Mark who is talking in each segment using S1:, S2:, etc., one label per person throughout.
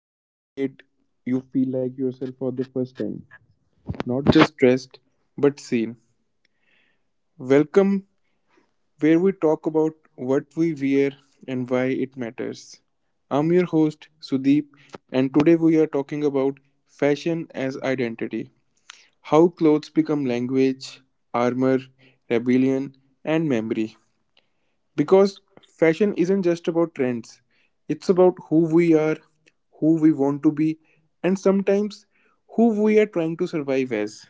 S1: that you made you feel like yourself for the first time? Not just dressed, but seen. Welcome, where we talk about what we wear and why it matters. I'm your host, Sudeep, and today we are talking about fashion as identity. How clothes become language, armor, rebellion, and memory. Because fashion isn't just about trends, it's about who we are, who we want to be, and sometimes who we are trying to survive as.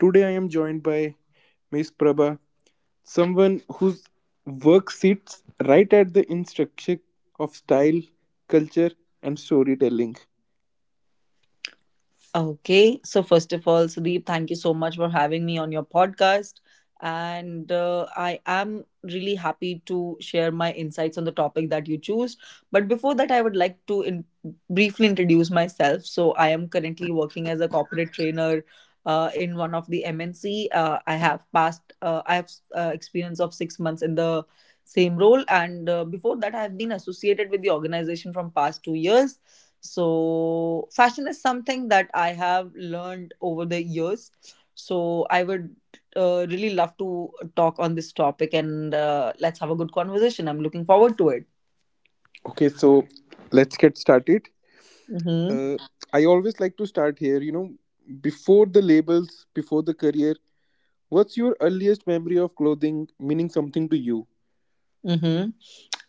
S1: Today, I am joined by Miss Prabha, someone whose work sits right at the intersection of style, culture, and storytelling.
S2: Okay, so first of all, Sudeep, thank you so much for having me on your podcast. And I am really happy to share my insights on the topic that you choose. But before that, I would like to briefly introduce myself. So, I am currently working as a corporate trainer in one of the MNC. I have experience of 6 months in the same role. And before that, I have been associated with the organization from past 2 years. So, fashion is something that I have learned over the years. So, I would really love to talk on this topic and let's have a good conversation. I'm looking forward to it.
S1: Okay, so let's get started.
S2: Mm-hmm.
S1: Uh, I always like to start here, before the labels, before the career. What's your earliest memory of clothing meaning something to you?
S2: Mm-hmm.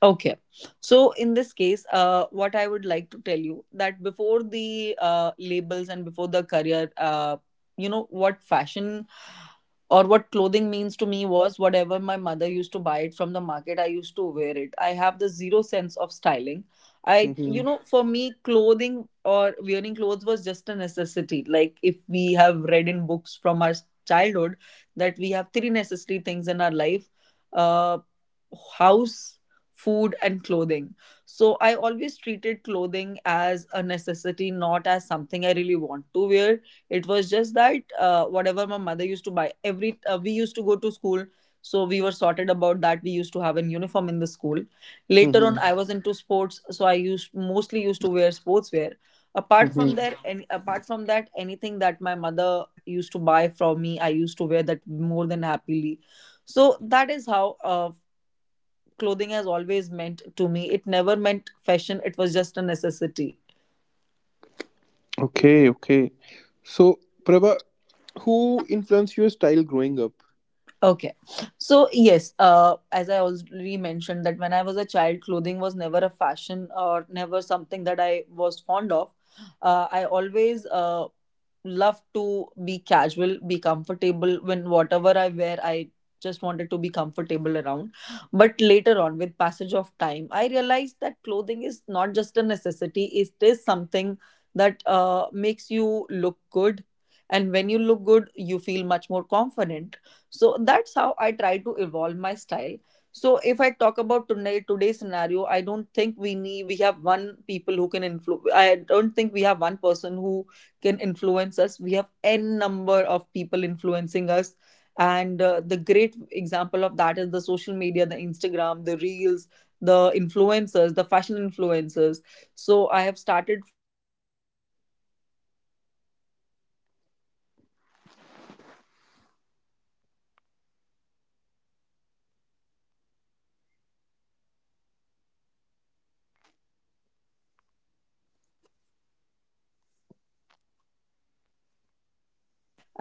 S2: Okay. So in this case, what I would like to tell you that before the labels and before the career, you know what fashion or what clothing means to me was whatever my mother used to buy it from the market, I used to wear it. I have the zero sense of styling. I, you
S1: Mhm.
S2: know, for me, clothing or wearing clothes was just a necessity. Like if we have read in books from our childhood that we have three necessary things in our life. Uh, House, food, and clothing. So I always treated clothing as a necessity, not as something I really want to wear. It was just that whatever my mother used to buy, every we used to go to school. So we were sorted about that. We used to have an uniform in the school. Later on,
S1: Mhm.
S2: I was into sports, so I used mostly used to wear sportswear.
S1: Mhm.
S2: Apart from that, anything that my mother used to buy from me, I used to wear that more than happily. So that is how clothing has always meant to me. It never meant fashion, it was just a necessity.
S1: Okay, okay. So, Prabha, who influenced your style growing up?
S2: Okay. So, yes, as I already mentioned, that when I was a child, clothing was never a fashion or never something that I was fond of. I always love to be casual, be comfortable. When whatever I wear, I just wanted to be comfortable around. But later on, with passage of time, I realized that clothing is not just a necessity, it is something that makes you look good. And when you look good, you feel much more confident. So that's how I try to evolve my style. So if I talk about today's scenario, I don't think we have one people who can influence. I don't think we have one person who can influence us. We have n number of people influencing us, and the great example of that is the social media, the Instagram, the reels, the influencers.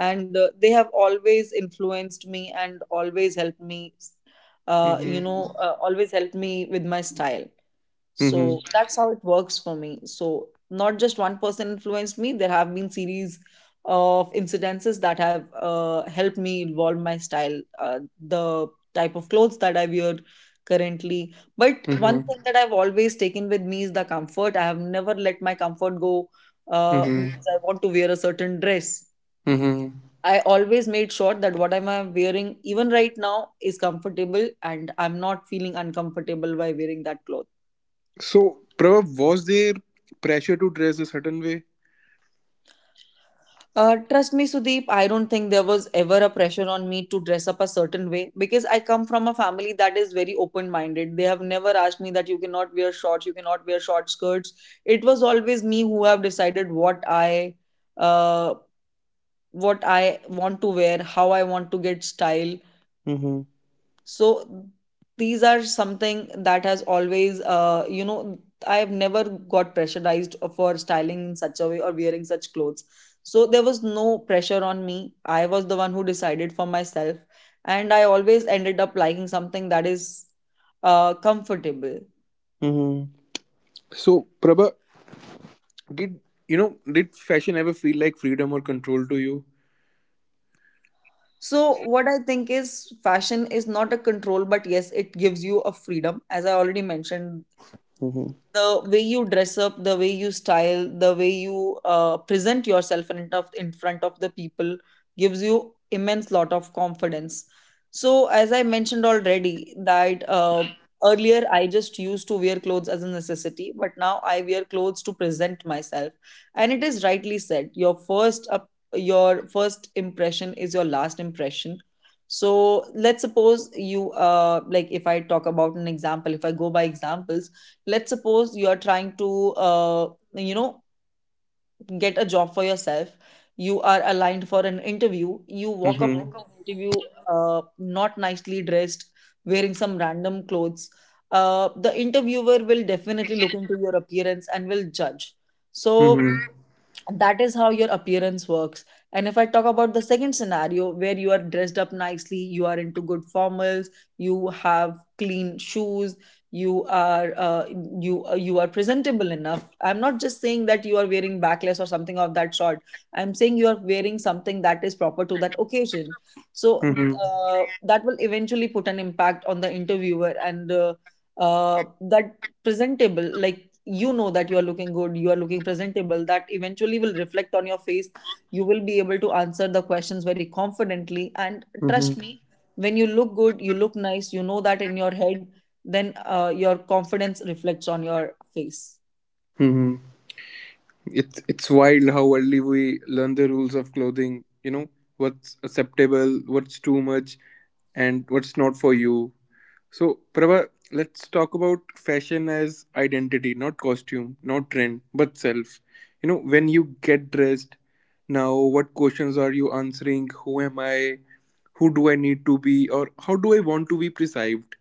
S2: And they have always influenced me and always helped me,
S1: Mhm.
S2: always helped me with my style.
S1: Mhm.
S2: So that's how it works for me. So not just one person influenced me, there have been series of incidences that have helped me evolve my style, the type of clothes that I wear currently. But one
S1: Mhm.
S2: thing that I've always taken with me is the comfort. I have never let my comfort go.
S1: Mhm.
S2: Because I want to wear a certain dress,
S1: Mhm.
S2: I always made sure that what am I wearing, even right now, is comfortable and I'm not feeling uncomfortable by wearing that cloth.
S1: So, Prabha, was there pressure to dress a certain way?
S2: Trust me, Sudeep, I don't think there was ever a pressure on me to dress up a certain way, because I come from a family that is very open minded. They have never asked me that you cannot wear shorts, you cannot wear short skirts. It was always me who have decided what I. Uh, what I want to wear, how I want to get style,
S1: Mhm.
S2: so these are something that has always, you know, I've never got pressurized for styling in such a way or wearing such clothes. So there was no pressure on me, I was the one who decided for myself. And I always ended up liking something that is comfortable.
S1: Mhm. So, Prabha, did did fashion ever feel like freedom or control to you?
S2: So what I think is, fashion is not a control, but yes, it gives you a freedom. As I already mentioned,
S1: Mhm.
S2: the way you dress up, the way you style, the way you present yourself in front of the people gives you immense lot of confidence. So as I mentioned already, that earlier I just used to wear clothes as a necessity, but now I wear clothes to present myself. And it is rightly said, your first impression is your last impression. So let's suppose you like if I talk about an example, if I go by examples, let's suppose you are trying to you know get a job for yourself. You are aligned for an interview, you walk up to
S1: Mhm.
S2: an interview not nicely dressed, wearing some random clothes. The interviewer will definitely look into your appearance and will judge. So
S1: Mhm.
S2: that is how your appearance works. And if I talk about the second scenario, where you are dressed up nicely, you are into good formals, you have clean shoes, you are, you you are presentable enough. I'm not just saying that you are wearing backless or something of that sort. I'm saying you are wearing something that is proper to that occasion. So
S1: Mhm.
S2: that will eventually put an impact on the interviewer. And uh, that presentable, like, you know that you are looking good, you are looking presentable, that eventually will reflect on your face. You will be able to answer the questions very confidently. And
S1: Mhm.
S2: trust me, when you look good, you look nice, you know that in your head, then your confidence reflects on your face.
S1: Mhm. It's wild how early we learn the rules of clothing, what's acceptable, what's too much, and what's not for you. So, Prabha, let's talk about fashion as identity, not costume, not trend, but self. When you get dressed now, what questions are you answering? Who am I? Who do I need to be? Or how do I want to be perceived?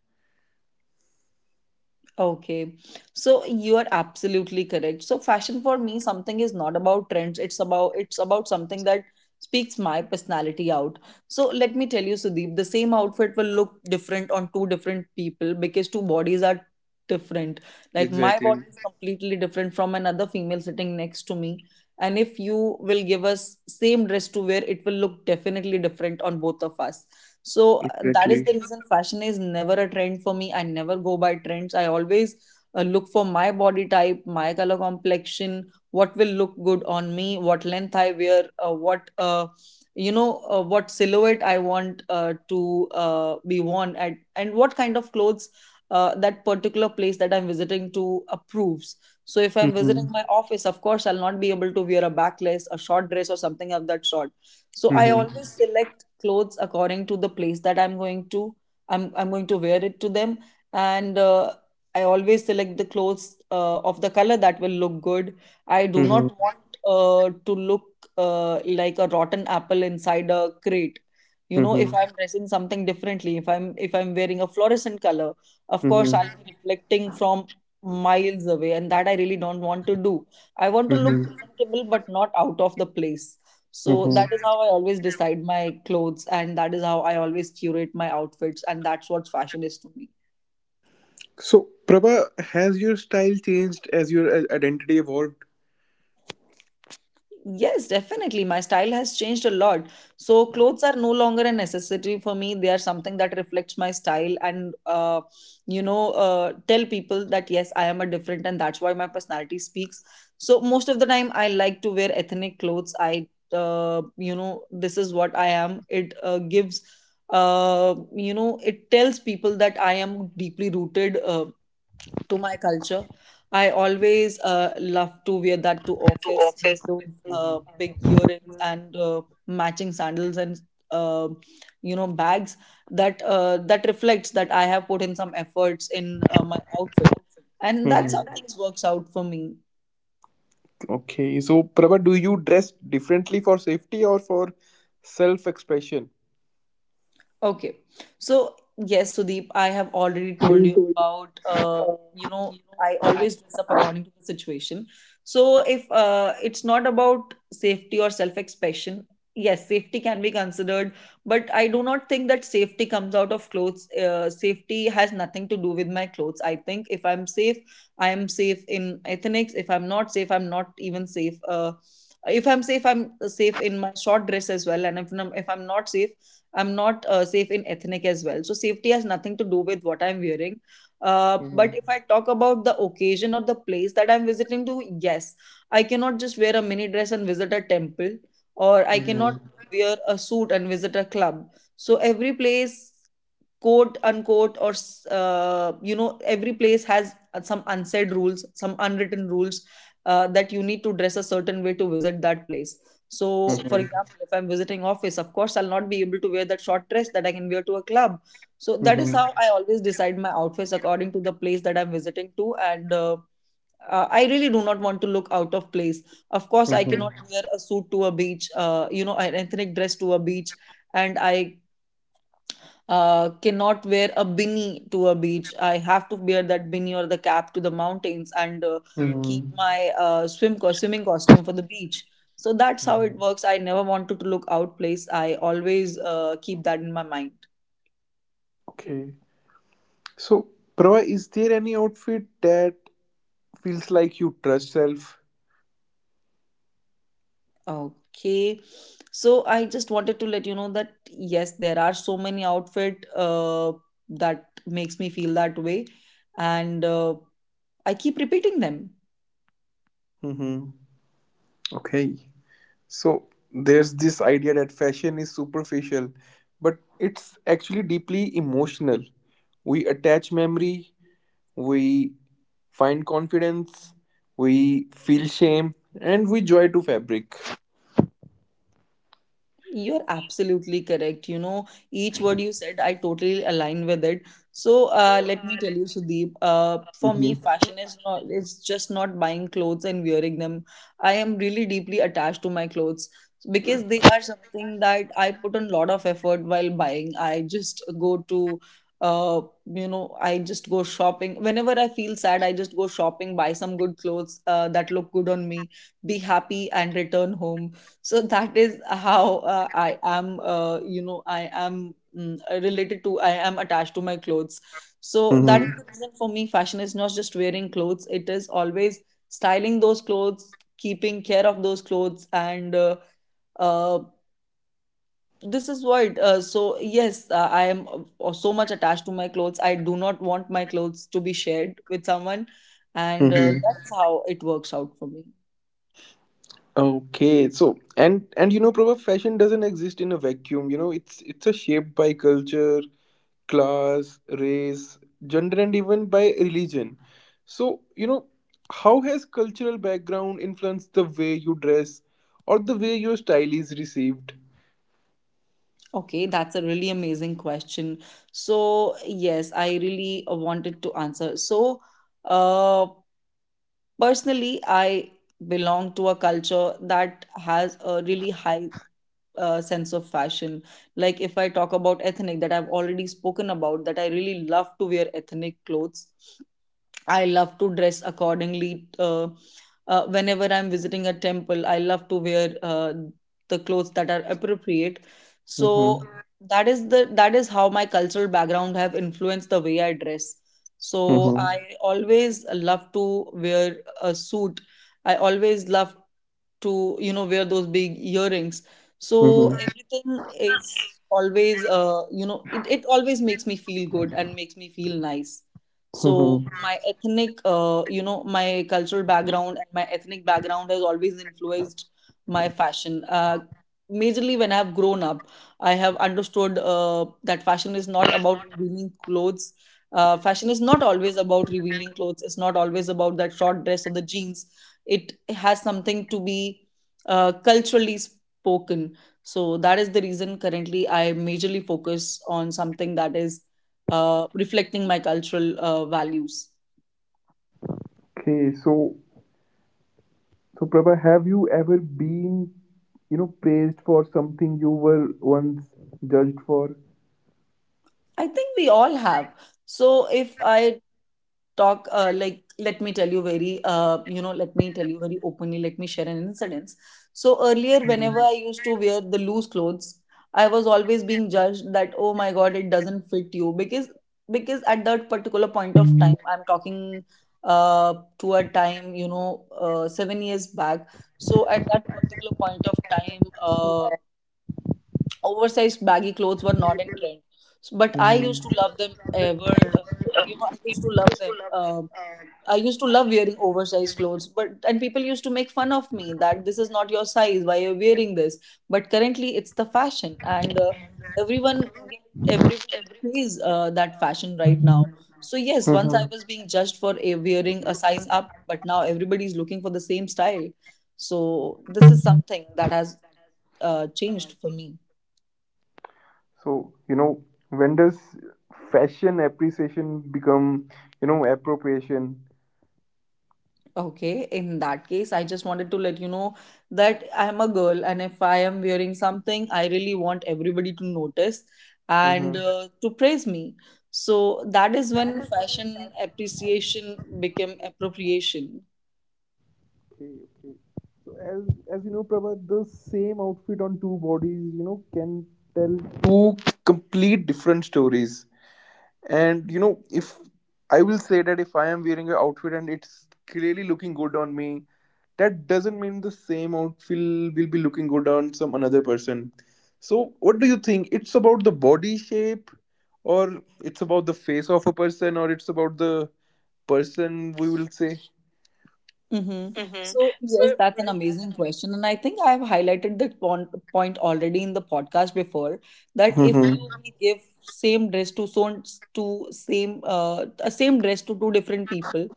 S2: Okay. So you are absolutely correct. So fashion for me something is not about trends. It's about something that speaks my personality out. So let me tell you, Sudeep, the same outfit will look different on two different people, because two bodies are different. Like my
S1: Exactly,
S2: body is completely different from another female sitting next to me. And if you will give us same dress to wear, it will look definitely different on both of us. So that is
S1: exactly.
S2: the reason fashion is never a trend for me. I never go by trends. I always look for my body type, my color complexion, what will look good on me, what length I wear, what silhouette I want to be worn at, and what kind of clothes that particular place that I'm visiting to approves. So if I'm visiting my
S1: Mm-hmm.
S2: office, of course, I'll not be able to wear a backless, a short dress, or something of that sort. So I
S1: Mm-hmm.
S2: always select clothes according to the place that I'm going to wear it to them. And I always select the clothes of the color that will look good. I do not
S1: Mm-hmm.
S2: want to look like a rotten apple inside a crate. You know, if
S1: Mm-hmm.
S2: I'm dressing something differently, if I'm wearing a fluorescent color, of course I'll
S1: Mm-hmm.
S2: be reflecting from miles away, and that I really don't want to do. I want to look
S1: Mm-hmm.
S2: presentable but not out of the place. So that is
S1: Mm-hmm.
S2: how I always decide my clothes, and that is how I always curate my outfits, and that's what fashion is to me.
S1: So, Prabha, has your style changed as your identity evolved?
S2: Yes, definitely. My style has changed a lot. So, clothes are no longer a necessity for me. They are something that reflects my style and, you know, tell people that yes, I am a different and that's why my personality speaks. So, most of the time, I like to wear ethnic clothes. I, you know, this is what I am. It gives, you know, it tells people that I am deeply rooted to my culture. I always love to wear that to office with those big earrings and matching sandals and uh, you know, bags, that that reflects that I have put in some efforts in my outfit, and that's how
S1: Mhm.
S2: things works out for me.
S1: Okay, so Prabha, do you dress differently for safety or for self expression?
S2: Okay. So, yes, Sudeep, I have already told you about, you know, I always dress up according to the situation. So, if it's not about safety or self expression, yes, safety can be considered, but I do not think that safety comes out of clothes. Safety has nothing to do with my clothes. I think if I'm safe, I am safe in ethnics. If I'm not safe, I'm not even safe. If I'm safe, I'm safe in my short dress as well. And if I'm not safe, I'm not safe in ethnic as well. So safety has nothing to do with what I'm wearing. But
S1: Mhm.
S2: if I talk about the occasion or the place that I'm visiting to, yes, I cannot just wear a mini dress and visit a temple, or I cannot
S1: Mhm.
S2: wear a suit and visit a club. So every place, quote unquote, or every place has some unsaid rules, some unwritten rules, that you need to dress a certain way to visit that place. So for
S1: Mhm.
S2: example, if I'm visiting office, of course I'll not be able to wear that short dress that I can wear to a club. So that is
S1: Mhm.
S2: how I always decide my outfits according to the place that I'm visiting to, and I really do not want to look out of place. Of course, I
S1: Mhm.
S2: cannot wear a suit to a beach, an ethnic dress to a beach, and I cannot wear a bini to a beach. I have to wear that bini or the cap to the mountains, and keep
S1: Mhm.
S2: my swimming costume for the beach. So that's how
S1: Mhm.
S2: it works. I never wanted to look out place. I always keep that in my mind.
S1: Okay, so Prabha, is there any outfit that feels like you trust self?
S2: Okay. So I just wanted to let you know that yes, there are so many outfit that makes me feel that way, and I keep repeating them.
S1: Mhm. Okay. So there's this idea that fashion is superficial, but it's actually deeply emotional. We attach memory, we find confidence, we feel shame, and we joy to fabric.
S2: You're absolutely correct. You know, each word you said, I totally align with it. So, let me tell you, Sudeep. For me,
S1: Mhm.
S2: fashion is not. It's just not buying clothes and wearing them. I am really deeply attached to my clothes, because they are something that I put a lot of effort while buying. I just go to. I just go shopping. Whenever I feel sad, I just go shopping, buy some good clothes that look good on me, be happy, and return home. So that is how I am, I am, related to, I am attached to my clothes. So that is
S1: Mhm.
S2: the reason, for me fashion is not just wearing clothes, it is always styling those clothes, keeping care of those clothes, and uh, this is what so yes, I am so much attached to my clothes. I do not want my clothes to be shared with someone, and
S1: Mhm.
S2: that is how it works out for me.
S1: Okay, so and Prabha, fashion doesn't exist in a vacuum. It's a shaped by culture, class, race, gender, and even by religion. So, how has cultural background influenced the way you dress or the way your style is received?
S2: Okay, that's a really amazing question. So yes, I really wanted to answer. So, uh, personally, I belong to a culture that has a really high sense of fashion. Like, if I talk about ethnic, that I've already spoken about, that I really love to wear ethnic clothes. I love to dress accordingly. Whenever I'm visiting a temple, I love to wear the clothes that are appropriate. So
S1: Mm-hmm.
S2: that is how my cultural background have influenced the way I dress. So
S1: Mm-hmm.
S2: I always love to wear a suit. I always love to wear those big earrings, so
S1: Mm-hmm.
S2: everything is always it always makes me feel good and makes me feel nice. So
S1: Mm-hmm.
S2: my ethnic you know my cultural background and my ethnic background has always influenced my fashion, majorly. When I have grown up, I have understood that fashion is not about revealing clothes. Fashion is not always about revealing clothes, it's not always about that short dress or the jeans. It has something to be culturally spoken. So that is the reason currently I majorly focus on something that is reflecting my cultural values.
S1: Okay, so Prabha, have you ever been, praised for something you were once judged for?
S2: I think we all have. So if I talk, like, let me tell you very, let me tell you very openly, let me share an incident. So earlier, whenever I used to wear the loose clothes, I was always being judged that oh my god, it doesn't fit you, because at that particular point of time, I'm talking to a time, 7 years back. So at that particular point of time, oversized baggy clothes were not in trend. But I used to love them ever, I used to love them, I used to love wearing oversized clothes, but and people used to make fun of me that this is not your size, why you're wearing this. But currently it's the fashion, and everyone, everybody plays that fashion right now. So yes, once I
S1: Mm-hmm.
S2: was being judged for wearing a size up, but now everybody's looking for the same style. So this is something that has changed for me.
S1: So, when does fashion appreciation become, appropriation?
S2: Okay, in that case, I just wanted to let you know that I am a girl, and if I am wearing something, I really want everybody to notice and
S1: Mm-hmm.
S2: to praise me. So that is when fashion appreciation became appropriation.
S1: Okay, okay. So as you know, Prabha, the same outfit on two bodies, can tell two complete different stories. And if I will say that if I am wearing an outfit and it's clearly looking good on me, that doesn't mean the same outfit will be looking good on some another person. So, what do you think? It's about the body shape, or it's about the face of a person, or it's about the person we will say.
S2: Mm-hmm. So yes, that's an amazing question. And I think I've highlighted that point already in the podcast before, that if you
S1: Mhm.
S2: will give same dress to same dress to two different people,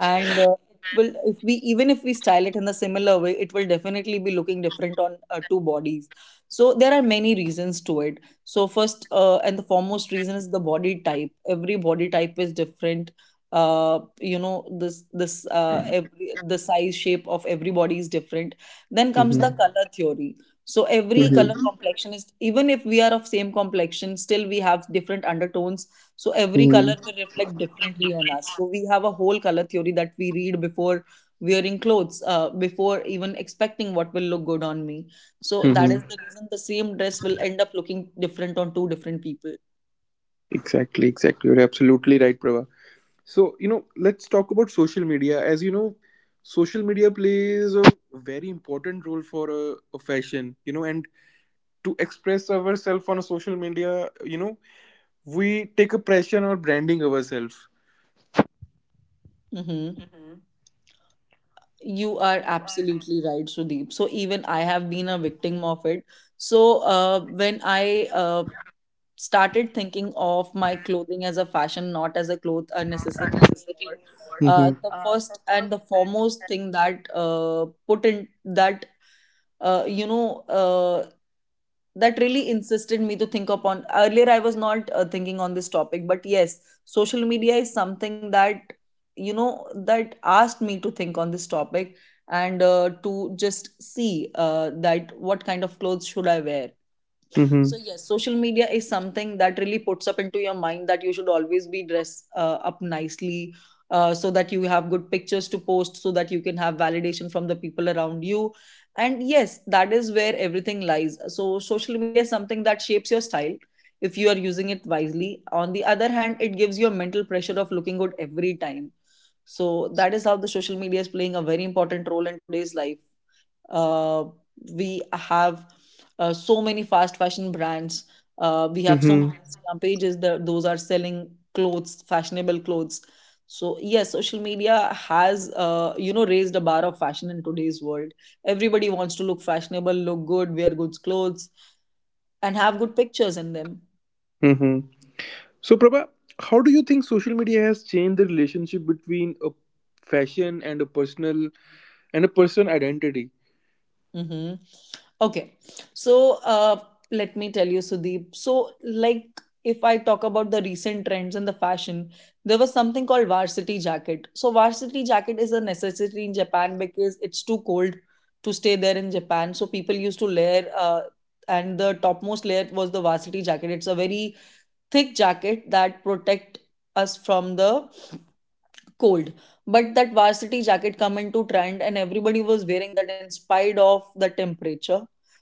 S2: and it will, if we even if we style it in the similar way, it will definitely be looking different on two bodies. So there are many reasons to it. So first, and the foremost reason is the body type. Every body type is different. This this every the size shape of everybody is different. Then comes the
S1: Mhm.
S2: color theory. So every
S1: Mhm.
S2: color complexion is, even if we are of same complexion, still we have different undertones. So every color
S1: Mhm.
S2: will reflect differently on us, so we have a whole color theory that we read before wearing clothes, before even expecting what will look good on me. So that is
S1: Mhm.
S2: the reason the same dress will end up looking different on two different people.
S1: Exactly, exactly. You're absolutely right, Prava. So, let's talk about social media. As you know, social media plays a very important role for a fashion, and to express ourselves on social media, you know, we take a pressure on branding ourselves.
S2: Mm-hmm. You are absolutely right, Sudeep. So even I have been a victim of it. So when I started thinking of my clothing as a fashion, not as a necessity anymore.
S1: Mm-hmm.
S2: The first and the foremost thing that put in that, uh, you know uh, that really insisted me to think upon. Earlier I was not thinking on this topic, but yes, social media is something that, that asked me to think on this topic, and to just see that what kind of clothes should I wear.
S1: Mm-hmm.
S2: So yes, social media is something that really puts up into your mind that you should always be dressed up nicely, so that you have good pictures to post, so that you can have validation from the people around you. And yes, that is where everything lies. So social media is something that shapes your style if you are using it wisely. On the other hand, it gives you a mental pressure of looking good every time. So that is how the social media is playing a very important role in today's life. uh, we have so many fast fashion brands, we have so many
S1: Mm-hmm.
S2: Instagram pages that those are selling clothes, fashionable clothes. So yes, social media has, raised a bar of fashion in today's world. Everybody wants to look fashionable, look good, wear good clothes, and have good pictures in them.
S1: Mm-hmm. So, Prabha, how do you think social media has changed the relationship between a fashion and a person identity?
S2: Mm-hmm. Okay. So let me tell you, Sudeep. So, like, if I talk about the recent trends in the fashion, there was something called varsity jacket. So varsity jacket is a necessity in Japan, because it's too cold to stay there in Japan. So people used to layer, and the topmost layer was the varsity jacket. It's a very thick jacket that protect us from the cold. But that varsity jacket come into trend, and everybody was wearing that in spite of the temperature.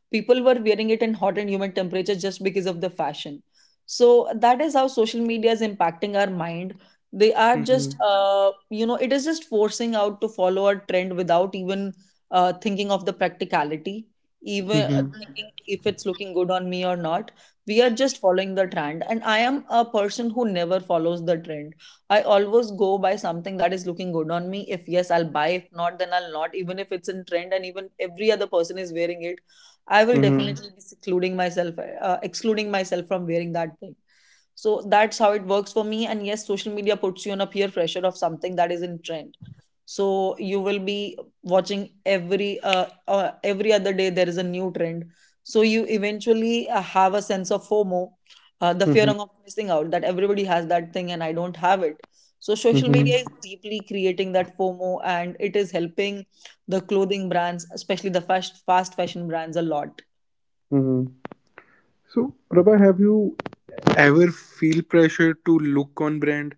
S2: People were wearing it in hot and humid temperature just because of the fashion. So that is how social media is impacting our mind. They are
S1: Mm-hmm.
S2: just, it is just forcing out to follow a trend without even thinking of the practicality, even
S1: Mm-hmm.
S2: thinking if it's looking good on me or not. We are just following the trend, and I am a person who never follows the trend. I always go by something that is looking good on me. If yes, I'll buy. If not, then I'll not. Even if it's in trend and even every other person is wearing it, I will
S1: Mm-hmm.
S2: definitely be secluding myself, excluding myself from wearing that thing. So that's how it works for me. And yes, social media puts you on a peer pressure of something that is in trend. So you will be watching every other day there is a new trend. So you eventually have a sense of FOMO, the fear
S1: Mm-hmm.
S2: of missing out that everybody has that thing and I don't have it. So social
S1: Mm-hmm.
S2: media is deeply creating that FOMO, and it is helping the clothing brands, especially the fast fashion brands a lot.
S1: Mm-hmm. So, Prabha, have you ever feel pressure to look on brand?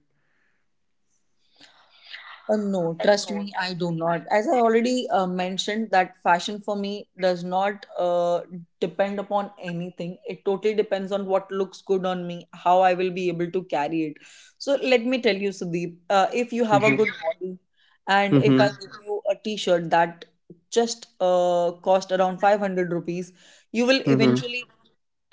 S2: No, trust me, I do not. As I already mentioned, that fashion for me does not depend upon anything. It totally depends on what looks good on me, how I will be able to carry it. So let me tell you, Sudeep, if you have a
S1: Mm-hmm.
S2: good body, and if
S1: Mm-hmm.
S2: I give you a T-shirt that just cost around 500 rupees, you will
S1: Mm-hmm.
S2: eventually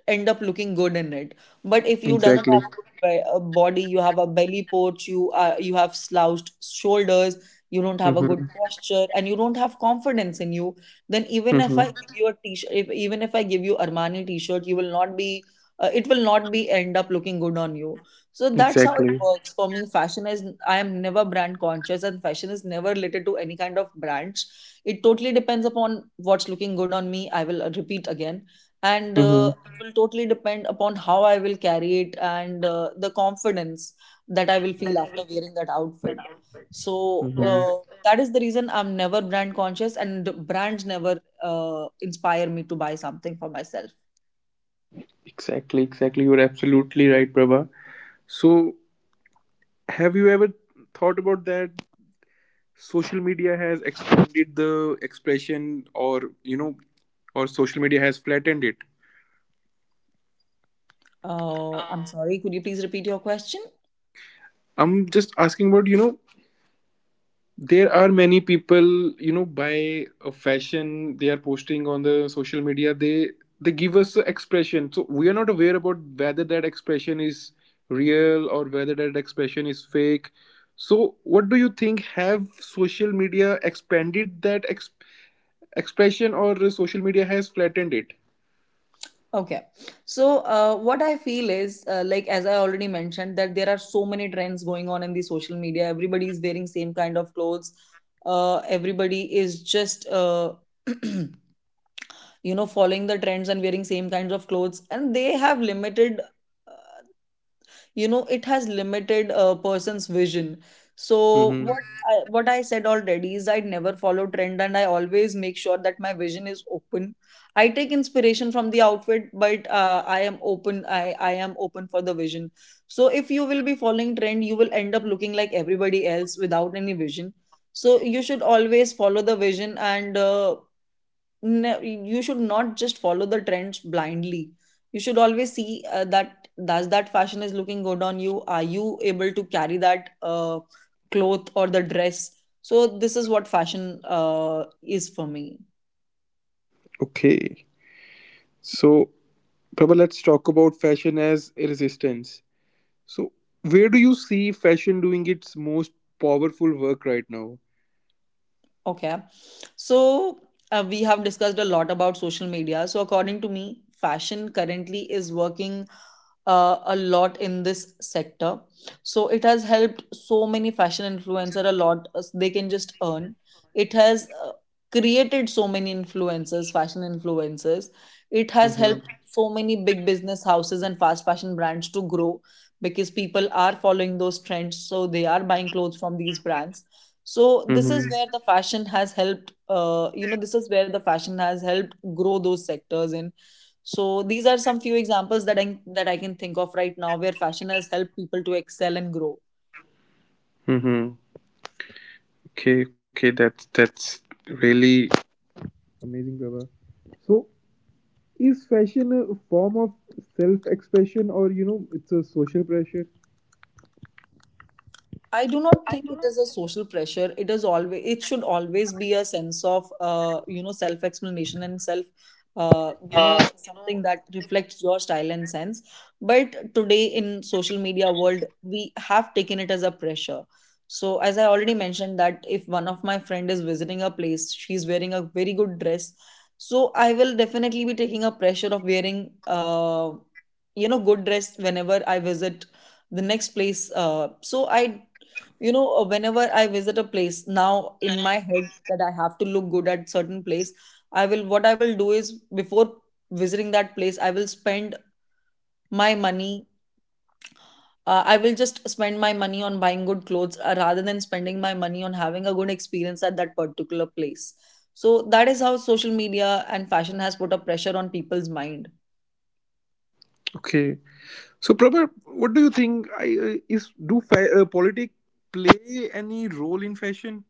S2: end up looking good in it. But if you doesn't
S1: Exactly.
S2: have a body, you have a belly porch, you have slouched shoulders, you don't have a good
S1: Mm-hmm.
S2: posture, and you don't have confidence in you, then
S1: Mm-hmm.
S2: even if I give you Armani t-shirt, you will not be. It will not be end up looking good on you. So that's how it
S1: Exactly.
S2: works for me. Fashion is I am never brand conscious, and fashion is never related to any kind of brands. It totally depends upon what's looking good on me. I will repeat again, and
S1: Mm-hmm.
S2: uh, it will totally depend upon how I will carry it, and the confidence that I will feel after wearing that outfit. So
S1: Mm-hmm.
S2: uh, that is the reason I'm never brand conscious, and brands never inspire me to buy something for myself.
S1: Exactly, exactly. You're absolutely right, Prabha. So, have you ever thought about that social media has expanded the expression or social media has flattened it?
S2: I'm sorry, could you please repeat your question?
S1: I'm just asking about, there are many people buy a fashion. They are posting on the social media. They give us a expression, so we are not aware about whether that expression is real or whether that expression is fake. So what do you think, have social media expanded that expression, or social media has flattened it?
S2: Okay. So, what I feel is, like as I already mentioned, that there are so many trends going on in the social media. Everybody is wearing same kind of clothes. Everybody is just, you know, following the trends and wearing same kinds of clothes, and they have limited you know it has limited a person's vision. So
S1: Mm-hmm.
S2: what what I said already is I never follow trend, and I always make sure that my vision is open. I take inspiration from the outfit, but I am open for the vision. So if you will be following trend, you will end up looking like everybody else without any vision. So you should always follow the vision, and you should not just follow the trends blindly. You should always see that does that fashion is looking good on you, are you able to carry that cloth or the dress. So this is what fashion is for me.
S1: Okay. So, Prabha, let's talk about fashion as a resistance. So, where do you see fashion doing its most powerful work right now?
S2: Okay. So we have discussed a lot about social media. So according to me, fashion currently is working a lot in this sector. So it has helped so many fashion influencer a lot. They can just earn. It has created so many influencers, fashion influencers. It has
S1: Mm-hmm.
S2: helped so many big business houses and fast fashion brands to grow, because people are following those trends. So they are buying clothes from these brands. So this is where
S1: Mm-hmm.
S2: the fashion has helped this is where the fashion has helped grow those sectors in. So these are some few examples that I can think of right now, where fashion has helped people to excel and grow.
S1: Mm-hmm. Okay, okay, that's really amazing, Baba. So, is fashion a form of self expression, or it's a social pressure?
S2: I do not think it is a social pressure. It should always be a sense of self explanation and self, something that reflects your style and sense. But today in social media world, we have taken it as a pressure. So as I already mentioned, that if one of my friend is visiting a place, she's wearing a very good dress. So I will definitely be taking a pressure of wearing good dress whenever I visit the next place. Uh, so i you know uh, whenever I visit a place, now in my head that I have to look good at certain place, I will what I will do is, before visiting that place, I will spend my money, I will just spend my money on buying good clothes, rather than spending my money on having a good experience at that particular place. So that is how social media and fashion has put a pressure on people's mind.
S1: Okay. So, Prabha, what do you think? I, is do fa- politics play any role in fashion?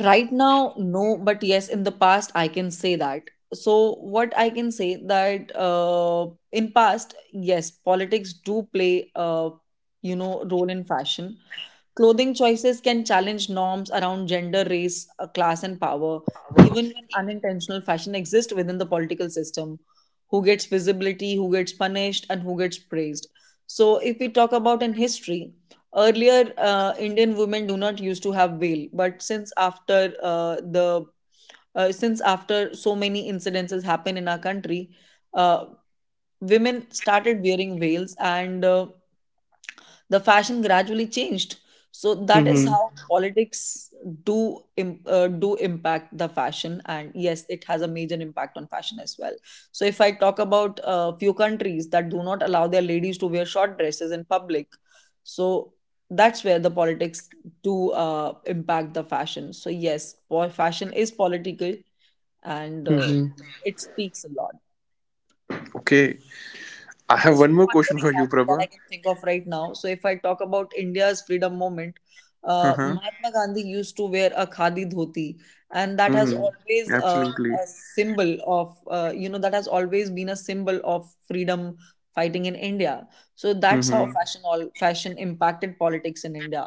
S2: Right now, no, but yes, in the past, I can say that. So, what I can say that in past, yes, politics do play a role in fashion. Clothing choices can challenge norms around gender, race, class, and power, even when unintentional fashion exists within the political system. Who gets visibility, who gets punished, and who gets praised. So, if we talk about in history, earlier, Indian women do not used to have veil, but since after so many incidences happen in our country, uh, women started wearing veils, and the fashion gradually changed. So that is
S1: Mm-hmm.
S2: how politics do impact the fashion, and yes, it has a major impact on fashion as well. So if I talk about a few countries that do not allow their ladies to wear short dresses in public, so that's where the politics do impact the fashion. So yes, fashion is political, and
S1: Mm-hmm.
S2: it speaks a lot.
S1: Okay. I have one
S2: So
S1: more
S2: one more
S1: question for you,
S2: example that
S1: Prabha.
S2: I can think of right now. So if I talk about India's freedom movement,
S1: Uh-huh.
S2: Mahatma Gandhi used to wear a khadi dhoti, and that has
S1: Mm-hmm.
S2: always
S1: Absolutely.
S2: a symbol of that has always been a symbol of freedom fighting in India. So that's how
S1: Mm-hmm.
S2: fashion all fashion impacted politics in India.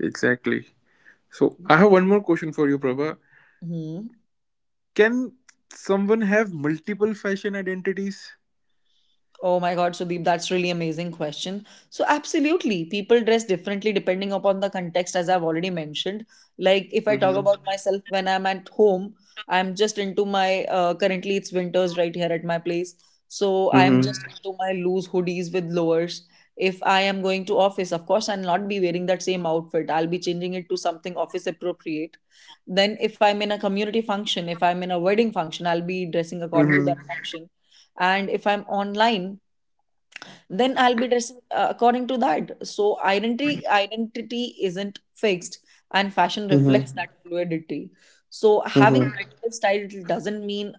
S1: Exactly. So I have one more question for you, Prabha.
S2: Hmm.
S1: Can someone have multiple fashion identities?
S2: Oh my God, Sudeep, that's really amazing question. So absolutely, people dress differently depending upon the context, as I've already mentioned. Like if I talk
S1: Mm-hmm.
S2: about myself, when I'm at home, I'm just into my currently it's winters right here at my place, so I'm
S1: Mm-hmm.
S2: just into my loose hoodies with lowers. If I am going to office, of course, I'll not be wearing that same outfit. I'll be changing it to something office appropriate. Then, if I'm in a community function, if I'm in a wedding function, I'll be dressing according to
S1: Mm-hmm.
S2: that function. And if I'm online, then I'll be dressing according to that. So identity isn't fixed, and fashion reflects
S1: Mm-hmm.
S2: that fluidity. So having
S1: Mm-hmm.
S2: multiple styles doesn't mean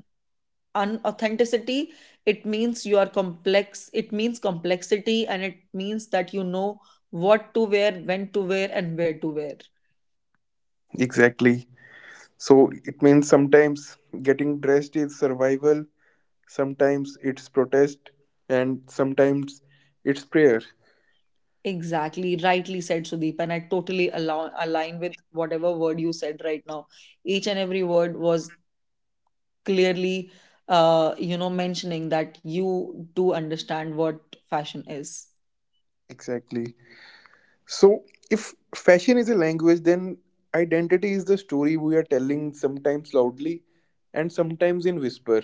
S2: unauthenticity. It means you are complex. It means complexity, and it means that you know what to wear, when to wear, and where to wear.
S1: Exactly. So it means sometimes getting dressed is survival, sometimes it's protest, and sometimes it's prayer.
S2: Exactly, rightly said, Sudeep, and I totally align with whatever word you said right now. Each and every word was clearly mentioning that you do understand what fashion is.
S1: Exactly. So if fashion is a language, then identity is the story we are telling, sometimes loudly and sometimes in whisper.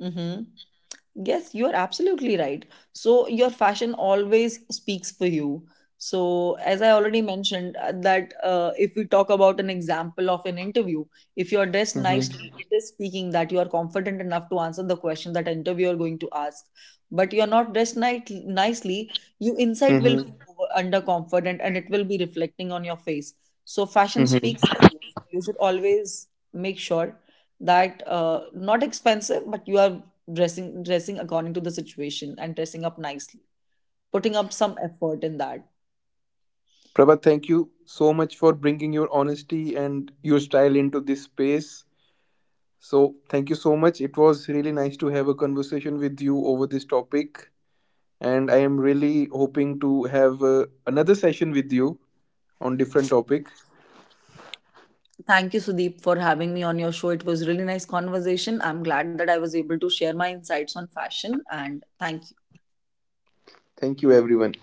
S2: Mm-hmm. Yes, you are absolutely right. So your fashion always speaks for you. So as I already mentioned, that if we talk about an example of an interview, if you are dressed
S1: Mm-hmm.
S2: nicely, it is speaking that you are confident enough to answer the question that interviewer going to ask. But you are not nicely, you inside will feel under confident, and it will be reflecting on your face. So fashion
S1: Hmm.
S2: speaks for you. So you should always make sure that not expensive, but you are dressing according to the situation and dressing up nicely, putting up some effort in that.
S1: Prabhat, thank you so much for bringing your honesty and your style into this space. So, thank you so much. It was really nice to have a conversation with you over this topic. And I am really hoping to have another session with you on different topic.
S2: Thank you, Sudeep, for having me on your show. It was really nice conversation. I'm glad that I was able to share my insights on fashion. And thank you.
S1: Thank you, everyone.